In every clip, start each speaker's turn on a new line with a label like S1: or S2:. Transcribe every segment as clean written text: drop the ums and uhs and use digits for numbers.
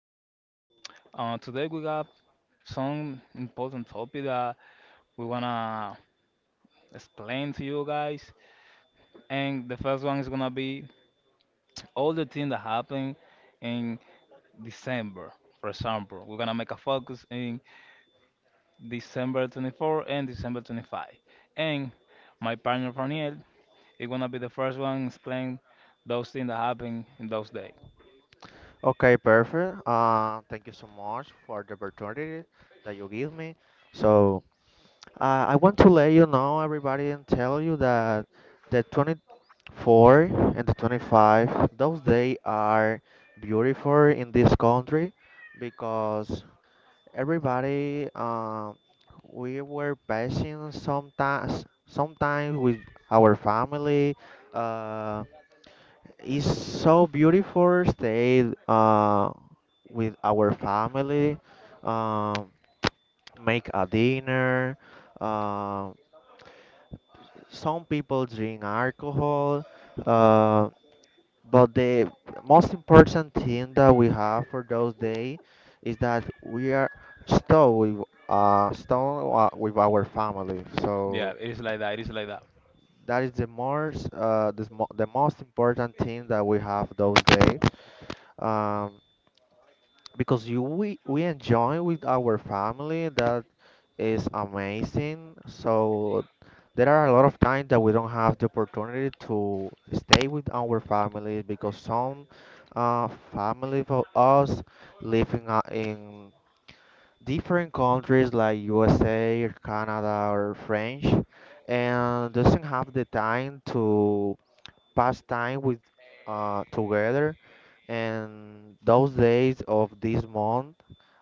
S1: So, today we got some important topic that we wanna explain to you guys. And the first one is gonna be all the things that happen in December. For example, we're gonna make a focus in December 24th and December 25th. And my partner Raniel, it gonna be the first one explain those things that happened in those days.
S2: Okay, perfect. Thank you so much for the opportunity that you give me. So, I want to let you know, everybody, and tell you that the 24 and the 25, those days are beautiful in this country because everybody, we were passing sometimes with our family. Uh, it's so beautiful stay with our family, um make a dinner. Uh, some people drink alcohol, uh, but the most important thing that we have for those days is that we are still with still with our family.
S1: Yeah,
S2: So
S1: it is like that. It is like that.
S2: that is the most the most important thing that we have those days. Um, because we enjoy with our family that is amazing so there are a lot of times that we don't have the opportunity to stay with our family because some uh, family for us live in different countries like USA or Canada or French and doesn't have the time to pass time with together. And those days of this month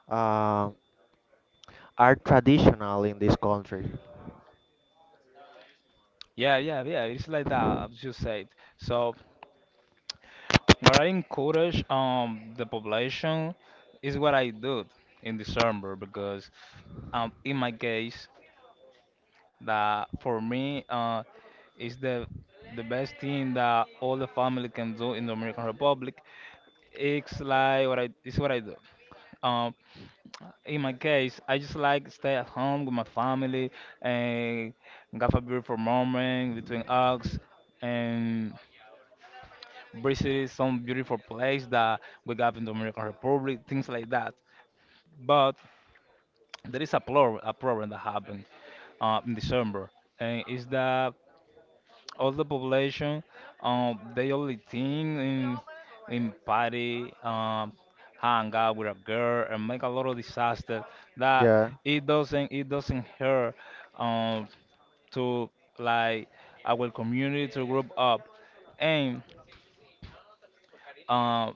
S2: uh, are traditional in this country.
S1: Yeah, yeah, yeah. It's like that, as you said. So, what I encourage the population is what I do in December, because in my case, that for me, is the best thing that all the family can do in the Dominican Republic. It's like what I it's what I do. Um In my case, I just like stay at home with my family, and have a beautiful moment between us, and visit some beautiful place that we got in the Dominican Republic, things like that. But there is a problem that happened in December, and is that all the population, they only think in party, hang out with a girl and make a lot of disaster, that
S2: Yeah.
S1: it doesn't hurt, um to, like, our community to grow up, and um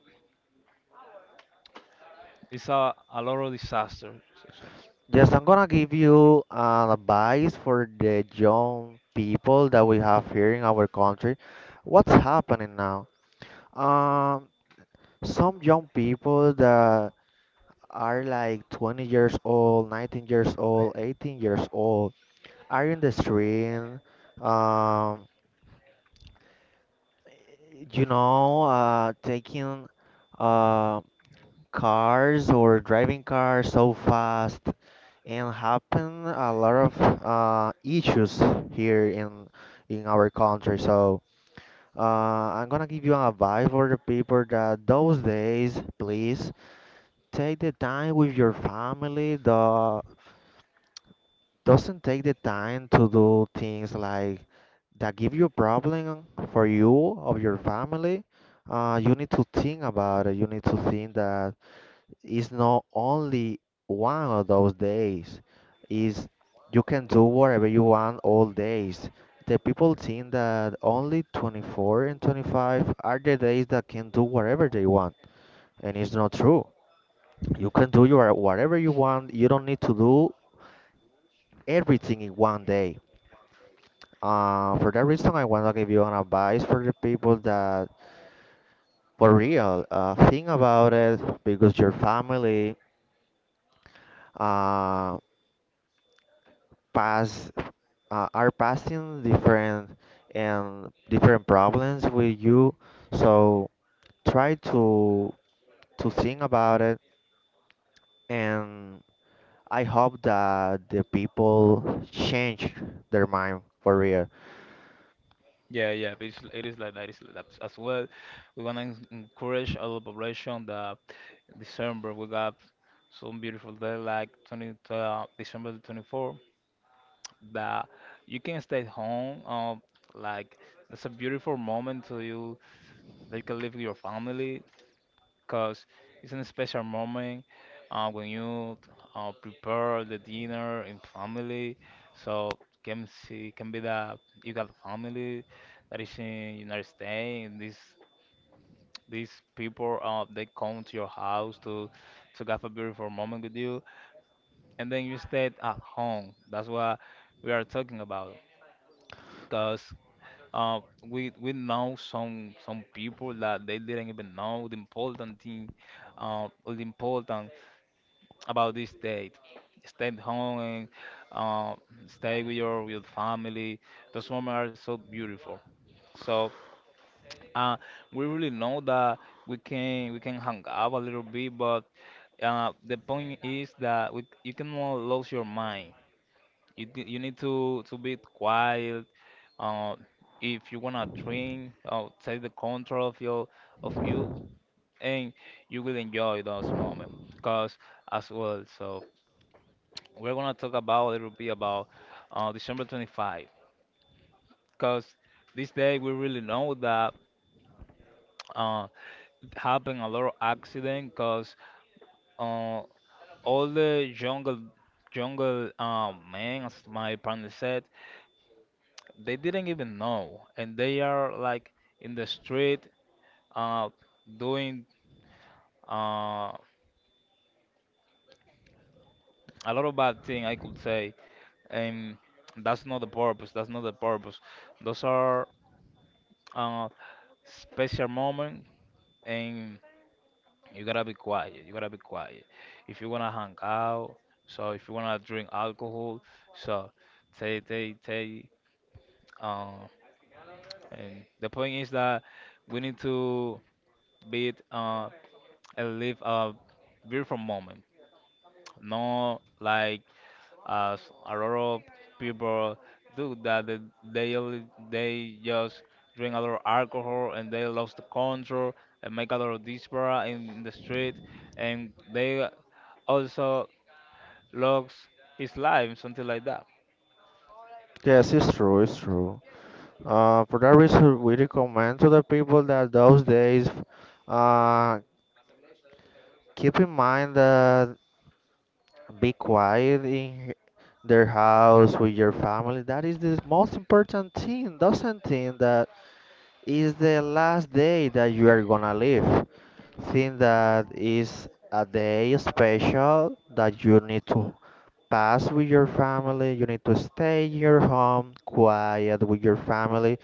S1: it's a lot of disaster. So.
S2: Yes, I'm gonna give you an advice for the young people that we have here in our country. What's happening now? Um, some young people that are like 20 years old, 19 years old, 18 years old are in the street, um, taking uh, cars or driving cars so fast and happen a lot of issues here in our country. So uh, I'm gonna give you an advice for the people that those days, please take the time with your family. The doesn't take the time to do things like that give you a problem for you or your family, you need to think about it. You need to think that it's not only one of those days. Is you can do whatever you want all days. The people think that only 24 and 25 are the days that can do whatever they want, and it's not true. You can do your whatever you want. You don't need to do everything in one day. For that reason, I wanna give you an advice for the people that, for real, think about it because your family uh, pass are passing different and different problems with you. So try to think about it, and I hope that the people change their mind for real.
S1: Yeah, yeah, it is like that. It's like that as well. We want to encourage our population that December we got some beautiful day like 20, December the 24th, that you can stay home. Like, it's a beautiful moment to you that you can live with your family, because it's a special moment, when you prepare the dinner in family. So, can be that you got family that is in United States. And these people, they come to your house to have a beautiful moment with you, and then you stay at home. That's what we are talking about, because. Uh, we know some people that they didn't even know the important thing, all the importance about this date. Stay at home, and uh, stay with family. Those moments are so beautiful. So, uh, we really know that we can hang out a little bit, but the point is that, you cannot lose your mind. You need to be quiet. Uh, if you wanna drink, take the control of you, and you will enjoy those moments. Cause, as well, so, we're gonna talk about, it will be about, December 25th, because this day we really know that, uh, it happened a lot of accident, because uh, all the jungle men, as my partner said, they didn't even know, and they are like in the street, uh, doing, uh, a lot of bad thing I could say, and that's not the purpose. Those are uh, special moment, and you gotta be quiet. You gotta be quiet. If you wanna hang out, so if you wanna drink alcohol, so they they they um, and the point is that we need to be it, and live a beautiful moment, not like, as a lot of people do, that they just drink a lot of alcohol, and they lost the control, and make a lot of dispara in the street, and they also logs his live, something like that.
S2: Yes, it's true. It's true. For that reason, we recommend to the people that those days, uh, keep in mind that be quiet in their house with your family. That is the most important thing. Doesn't think that is the last day that you are gonna live. Think that is a day special that you need to pass with your family. You need to stay in your home, quiet with your family.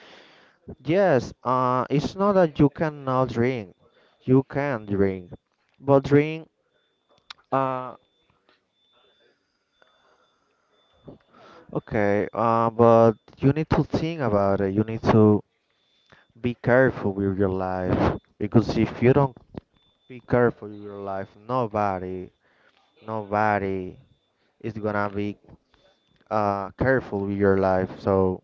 S2: Yes, it's not that you cannot drink. You can drink, but drink, uh, okay, but you need to think about it. You need to be careful with your life because if you don't be careful with your life, nobody, nobody is gonna be careful with your life. So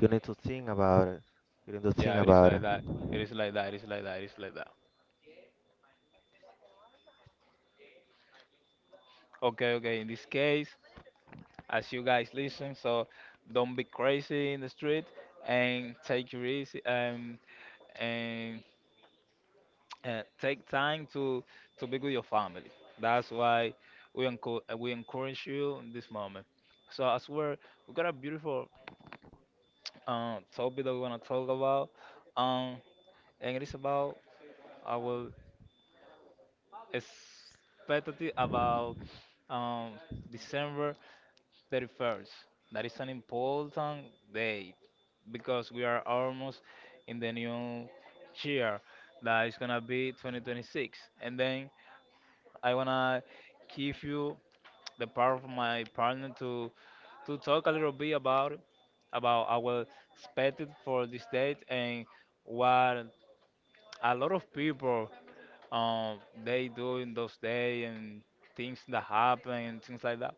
S2: you need to think about it. You need to think
S1: Yeah, it is
S2: about
S1: like
S2: it.
S1: that. It is like that. It is like that. It is like that. Okay, okay. In this case, as you guys listen, so don't be crazy in the street, and take your easy, and take time to be with your family. That's why we encourage you in this moment. So, as well, we got a beautiful, topic that we want to talk about, um, and it is about our expected about, um, December 31st. That is an important date, because we are almost in the new year that is gonna be 2026. And then I wanna give you the part of my partner to talk a little bit about our expected for this date, and what a lot of people, um they do in those day, and things that happen and things like that.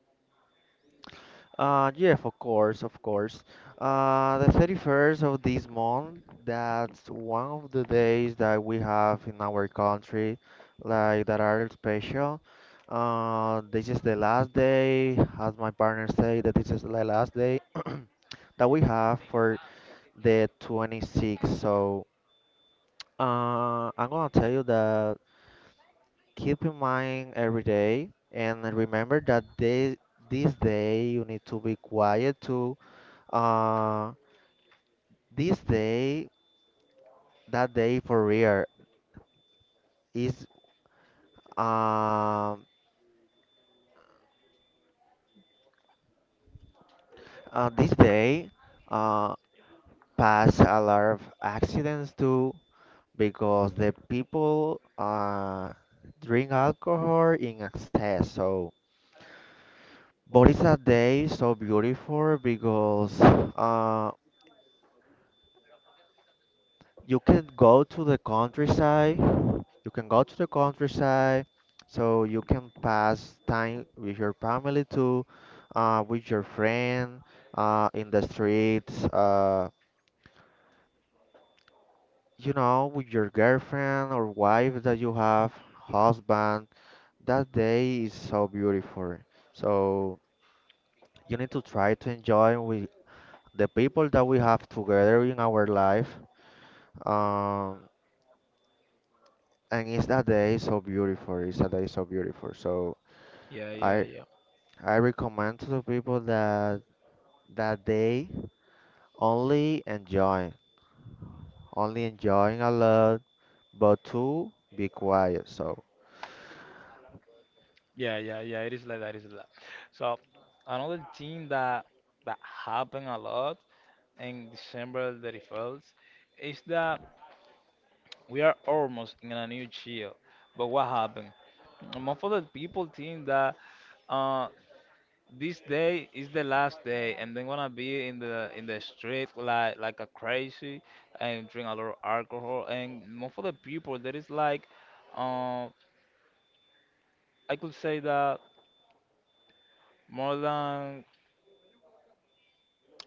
S2: Yeah, of course, of course. The 31st of this month, that's one of the days that we have in our country, like that are special. This is the last day, as my partner say, that this is the last day that we have for the 26th. So, I'm gonna tell you that keep in mind every day and remember that day, this day you need to be quiet too uh, this day, that day for real is um this day uh pass a lot of accidents too because the people drink alcohol in excess. So, but it's a day so beautiful because you can go to the countryside. You can go to the countryside, so you can pass time with your family too, with your friend, in the streets, with your girlfriend or wife that you have, husband. That day is so beautiful. So you need to try to enjoy with the people that we have together in our life. Um, and it's a day so beautiful. It's a day so beautiful. So
S1: Yeah, yeah,
S2: I
S1: yeah.
S2: I recommend to the people that that they only enjoy, only enjoying a lot, but to be quiet. So
S1: Yeah, yeah, yeah. It is like that, it is like that. So, another thing that happen a lot in December 31st is that we are almost in a new year. But what happened? Most of the people think that, uh this day is the last day, and then gonna be in the, in the street, like a crazy, and drink a lot of alcohol, and more for the people there is like, um I could say that more than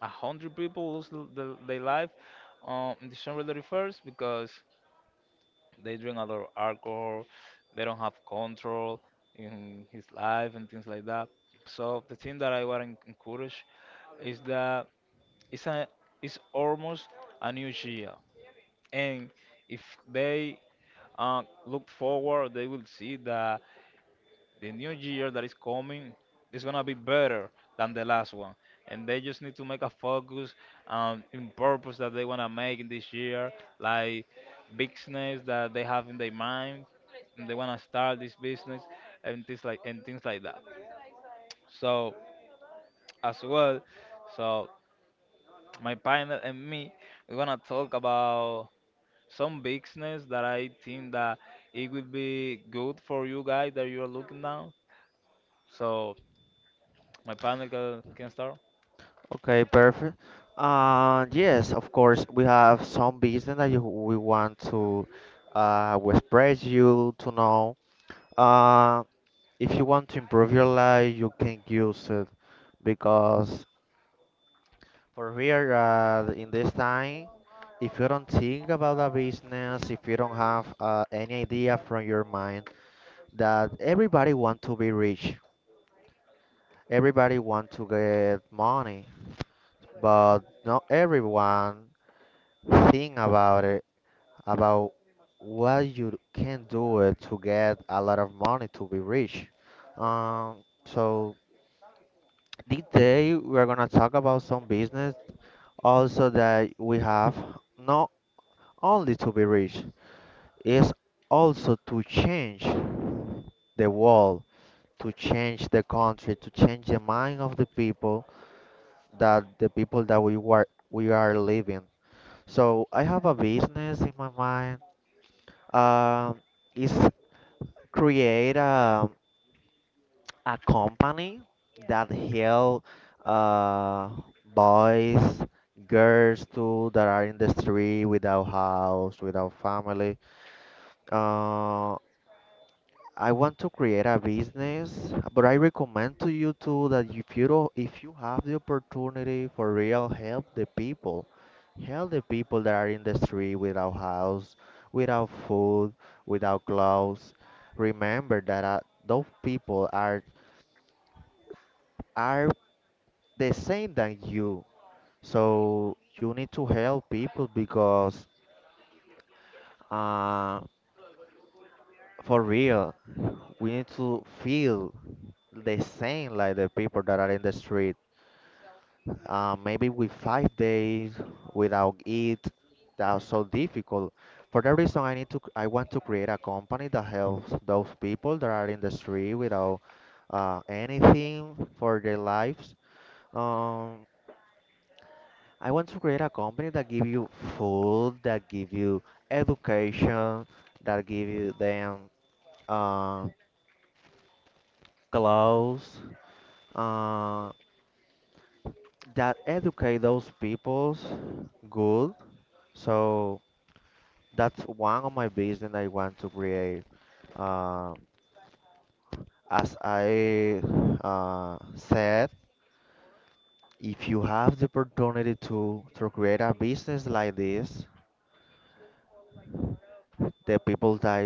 S1: 100 people lose their life, in December 31st, because they drink a lot of alcohol, they don't have control in his life and things like that. So the thing that I want to encourage is that, it's a, it's almost a new year, and if they, look forward, they will see that the new year that is coming is gonna be better than the last one, and they just need to make a focus, in purpose that they wanna make in this year, like business that they have in their mind, and they wanna start this business and things like that. So, as well, so, my partner and me, we're gonna talk about some business that I think that it would be good for you guys that you are looking now. So my partner can start.
S2: okay, perfect. Yes, of course we have some business that we want to we express you to know. Uh, if you want to improve your life, you can use it because for here, in this time, if you don't think about a business, if you don't have any idea from your mind that everybody want to be rich, everybody want to get money, but not everyone think about it, about what you can do it to get a lot of money to be rich. So, this day we are gonna talk about some business also that we have not only to be rich. Is also to change the world, to change the country, to change the mind of the people that we are living. So I have a business in my mind. Um, is create a company that help uh boys, girls too that are in the street without house, without family. Uh, I want to create a business, but I recommend to you too that if you don't, if you have the opportunity for real, help the people. Help the people that are in the street without house, without food, without clothes. Remember that those people are the same than you. So you need to help people because uh, for real, we need to feel the same like the people that are in the street maybe with 5 days without it. That's so difficult. For that reason I want to create a company that helps those people that are in the street without anything for their lives. um, I want to create a company that give you food, that give you education, that give you them uh, clothes, uh, that educate those peoples good. So that's one of my vision I want to create. Uh, as I said, if you have the opportunity to create a business like this, the people that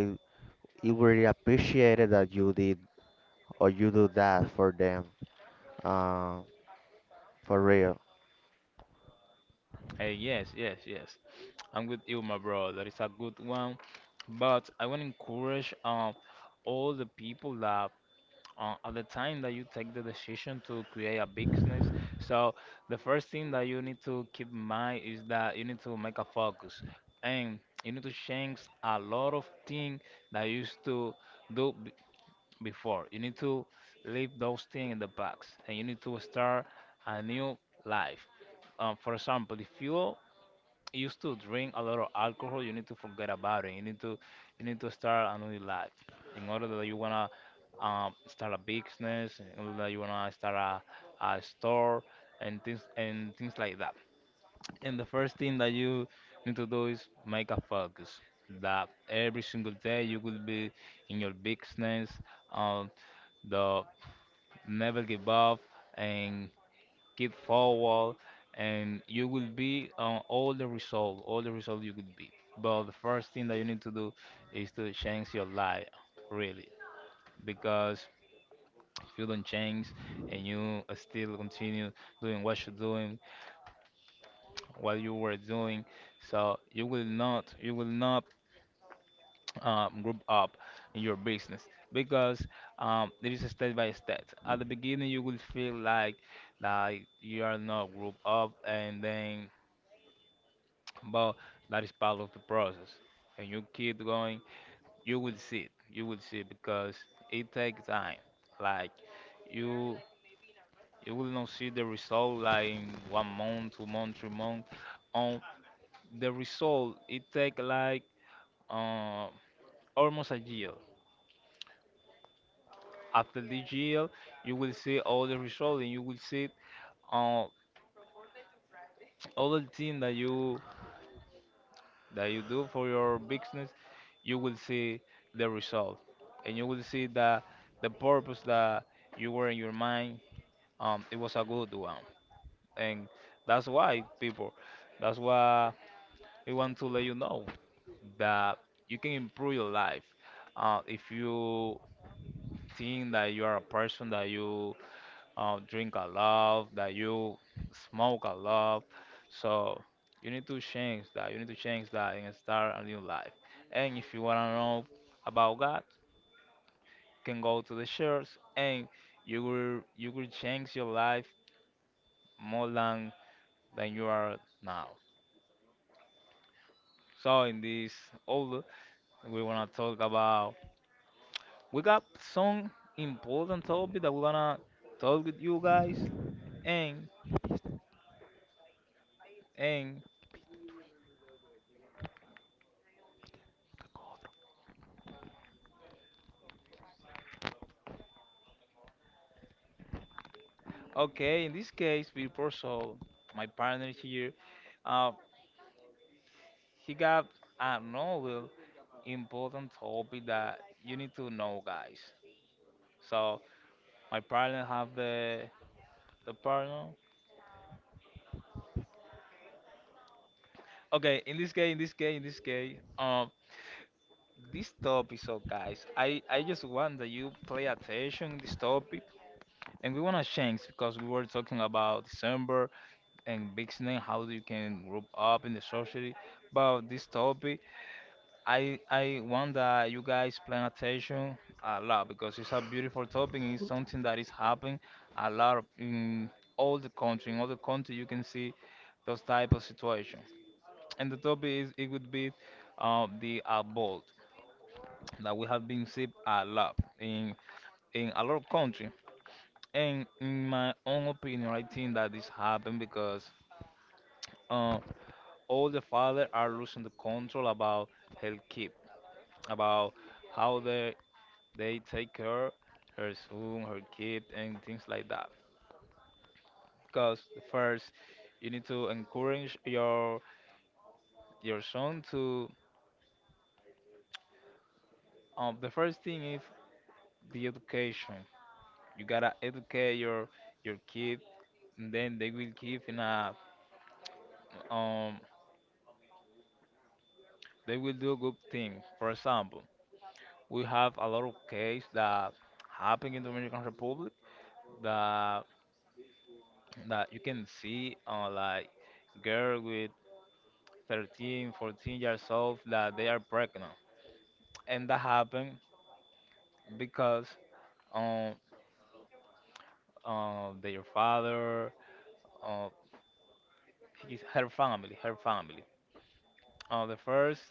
S2: it really appreciated that you did or you do that for them. Uh, for real.
S1: Hey, yes, yes, yes. I'm with you, my bro. That is a good one. But I want to encourage, all the people, that, at the time that you take the decision to create a business. So the first thing that you need to keep in mind is that you need to make a focus, and you need to change a lot of things that you used to do before. You need to leave those things in the box, and you need to start a new life. For example, if you used to drink a lot of alcohol, you need to forget about it. You need to start a new life, in order that you wanna, start a business, in order that you wanna start a store and things like that. And the first thing that you need to do is make a focus, that every single day you will be in your business, um, the never give up and keep forward, and you will be on all the result you could be. But the first thing that you need to do is to change your life, really, because if you don't change, and you still continue doing what you were doing, so you will not group up in your business, because, there is a step by step. At the beginning, you will feel like you are not group up, and then, but that is part of the process. And you keep going, you will see it. You will see it, because it takes time. Like, you you will not see the result like in one month, 2 months, 3 months. On the result, it take like, uh, almost a year after the GL, you will see all the results, and you will see, uh, all the thing that you do for your business. You will see the result, and you will see that the purpose that you were in your mind, it was a good one, and that's why people, that's why we want to let you know that you can improve your life. If you think that you are a person that you, drink a lot, that you smoke a lot. So you need to change that. You need to change that and start a new life. And if you wanna know about God, can go to the church, and you will change your life more than you are now. So, in this order, we wanna talk about, we got some important topic that we're gonna talk with you guys, and and okay, in this case, before, my partner here, uh, he got another important topic that you need to know, guys. So my partner have the partner. Okay, in this case, in this case, in this case, this topic. So guys, I just want that you play attention this topic, and we wanna change because we were talking about December and big snake, how you can group up in the society, about this topic. I want that you guys pay attention a lot because it's a beautiful topic. It's something that is happening a lot in all the country. In all the country, you can see those type of situation. And the topic is it would be the abort that we have been see a lot in a lot of country. And in my own opinion, I think that this happened because uh, all the father are losing the control about health keep about how they take care her son, her kid, and things like that. Because first, you need to encourage your son to. The first thing is the education. You gotta educate your kid, and then they will give in a um they will do good things. For example, we have a lot of cases that happen in the Dominican Republic that you can see like girl with 13, 14 years old that they are pregnant. And that happened because um, their father, uh, her family, her family. The first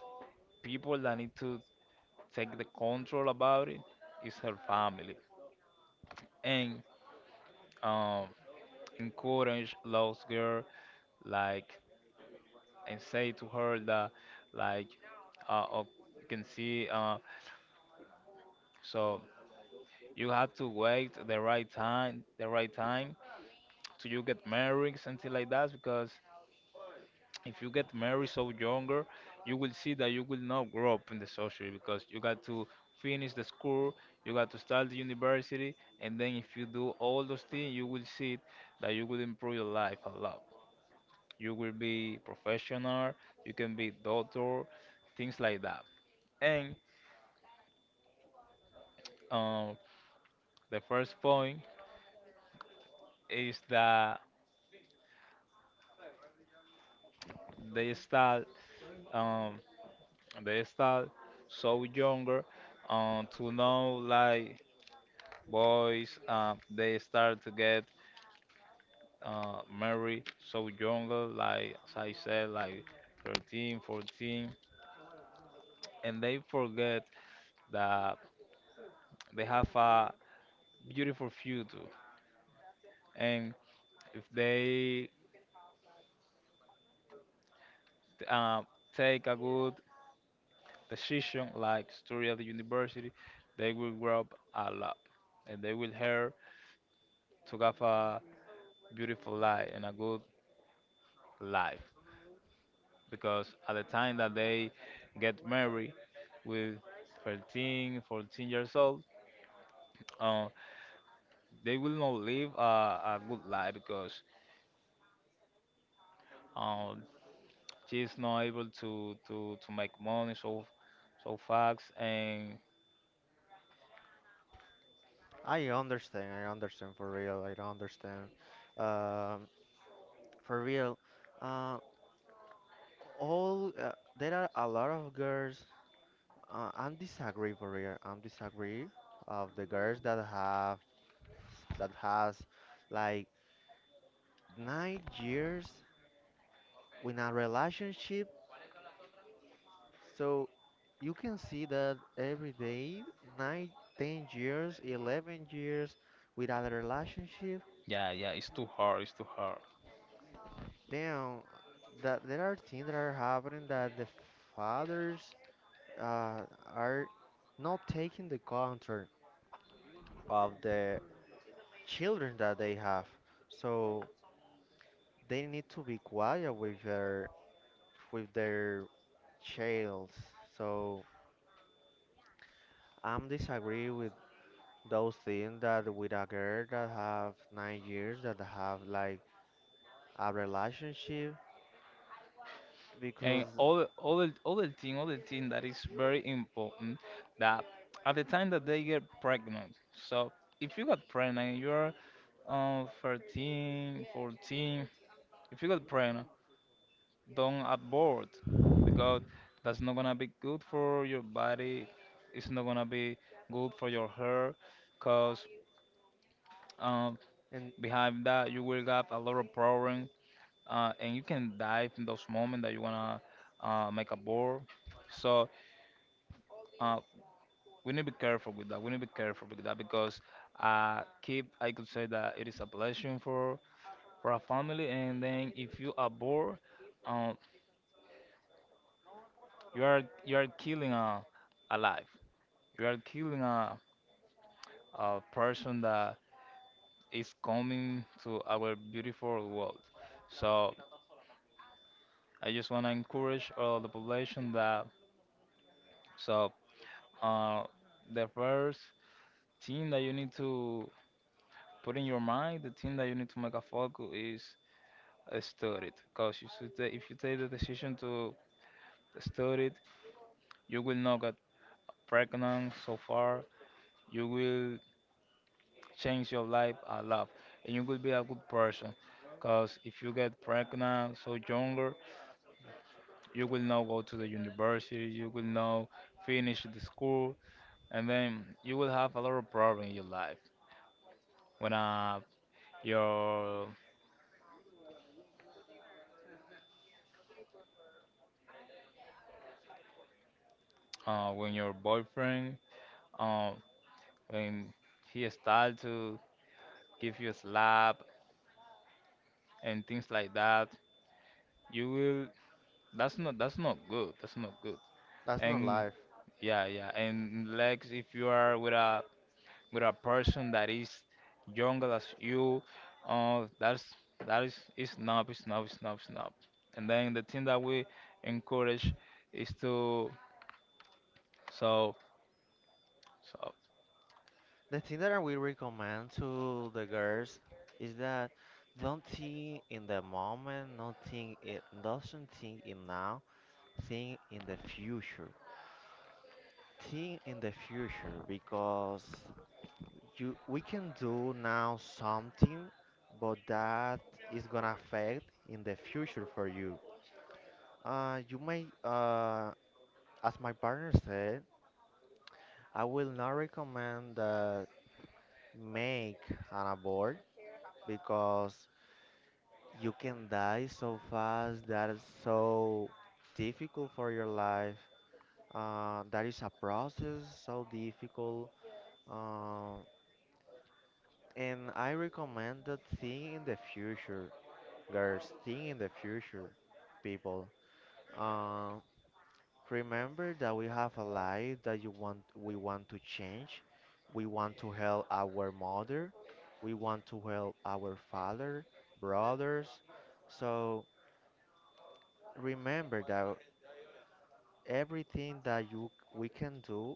S1: people that need to take the control about it is her family. And um, encourage those girl like and say to her that like uh, oh, you can see so you have to wait the right time the right time. So you get married, something like that. Because if you get married so younger, you will see that you will not grow up in the social because you got to finish the school, you got to start the university, and then if you do all those things, you will see that you will improve your life a lot. You will be professional, you can be doctor, things like that. And um, the first point is that they start um, they start so younger to know like boys they start to get married so younger like as I said like 13, 14, and they forget that they have a beautiful future. And if they uh, take a good decision like study at the university, they will grow up a lot and they will help to have a beautiful life and a good life, because at the time that they get married with 13, 14 years old, uh, they will not live a good life because um, she's not able to make money so fast. And
S2: I understand. I understand for real. I understand. Um, for real. Uh, all There are a lot of girls. I'm disagree for real. I'm disagree of the girls that have that has like 9 years in a relationship. So you can see that every day, nine, 10 years, 11 years without a relationship.
S1: yeah, yeah, it's too hard, it's too hard.
S2: Then that there are things that are happening that the fathers uh, are not taking the control of the children that they have. So they need to be quiet with their childs. So I'm disagree with those things that with a girl that have 9 years that have like a relationship because
S1: And other thing other thing that is very important, that at the time that they get pregnant. So if you got pregnant you're 13, 14. If you got pregnant, don't abort because that's not gonna be good for your body. It's not gonna be good for your hair, cause um,
S2: and
S1: behind that you will have a lot of problems. And you can die in those moments that you wanna make a abort. So uh, we need to be careful with that. We need to be careful with that because keep I could say that it is a blessing for a family, and then if you abort. Um, you are killing a life. You are killing a person that is coming to our beautiful world. So I just want to encourage all the population that so uh the first thing that you need to put in your mind, the thing that you need to make a focus is study it. Cause if you take the decision to study it, you will not get pregnant so far. You will change your life a lot and you will be a good person. Because if you get pregnant so younger, you will not go to the university, you will not finish the school, and then you will have a lot of problem in your life when your when your boyfriend uh when he start to give you a slap and things like that, you will that's not, that's not good, that's not good.
S2: that's not
S1: And
S2: life.
S1: yeah, yeah, and like if you are with a person that is younger as you. That's that is snob, is snob, is snob, is snob. And then the thing that we encourage is to so so
S2: The thing that I will recommend to the girls is that don't think in the moment, not think it doesn't think in now, think in the future. Think in the future because you we can do now something but that is gonna affect in the future for you. You may As my partner said, I will not recommend that make an abort because you can die so fast. That is so difficult for your life. That is a process so difficult. Uh, and I recommend that thing in the future, girls. Think in the future, people. Um, Remember that we have a life that you want we want to change. We want to help our mother. We want to help our father, brothers. So remember that everything that you we can do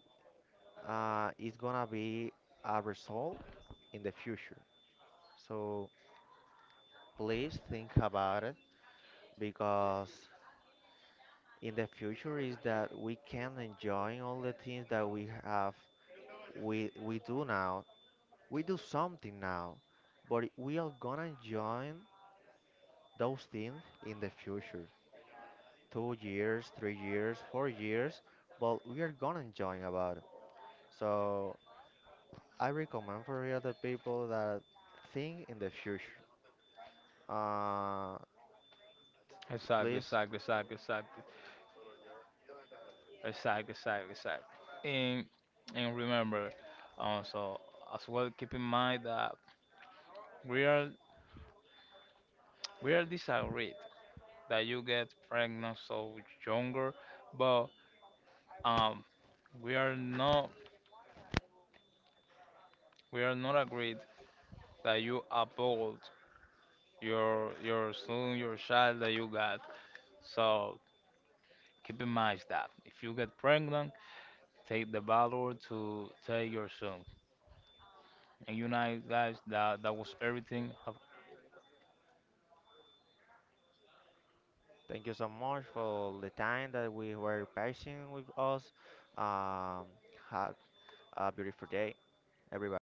S2: is gonna be a result in the future. So please think about it because in the future is that we can enjoy all the things that we have we do now. We do something now but we are gonna enjoy those things in the future, 2 years, 3 years, 4 years, but we are gonna enjoy about it. So I recommend for the other people that think in the future. uh
S1: exactly,
S2: please
S1: exactly, exactly, exactly, exactly, exactly, exactly. And remember, uh, so as well keep in mind that we are we are disagreed that you get pregnant so younger, but um we are not we are not agreed that you uphold your son, your child that you got. So keep in mind that if you get pregnant, take the valor to take your son. And you know, guys, that that was everything. Have
S2: Thank you so much for the time that we were patient with us. Um, ha A beautiful day, everybody.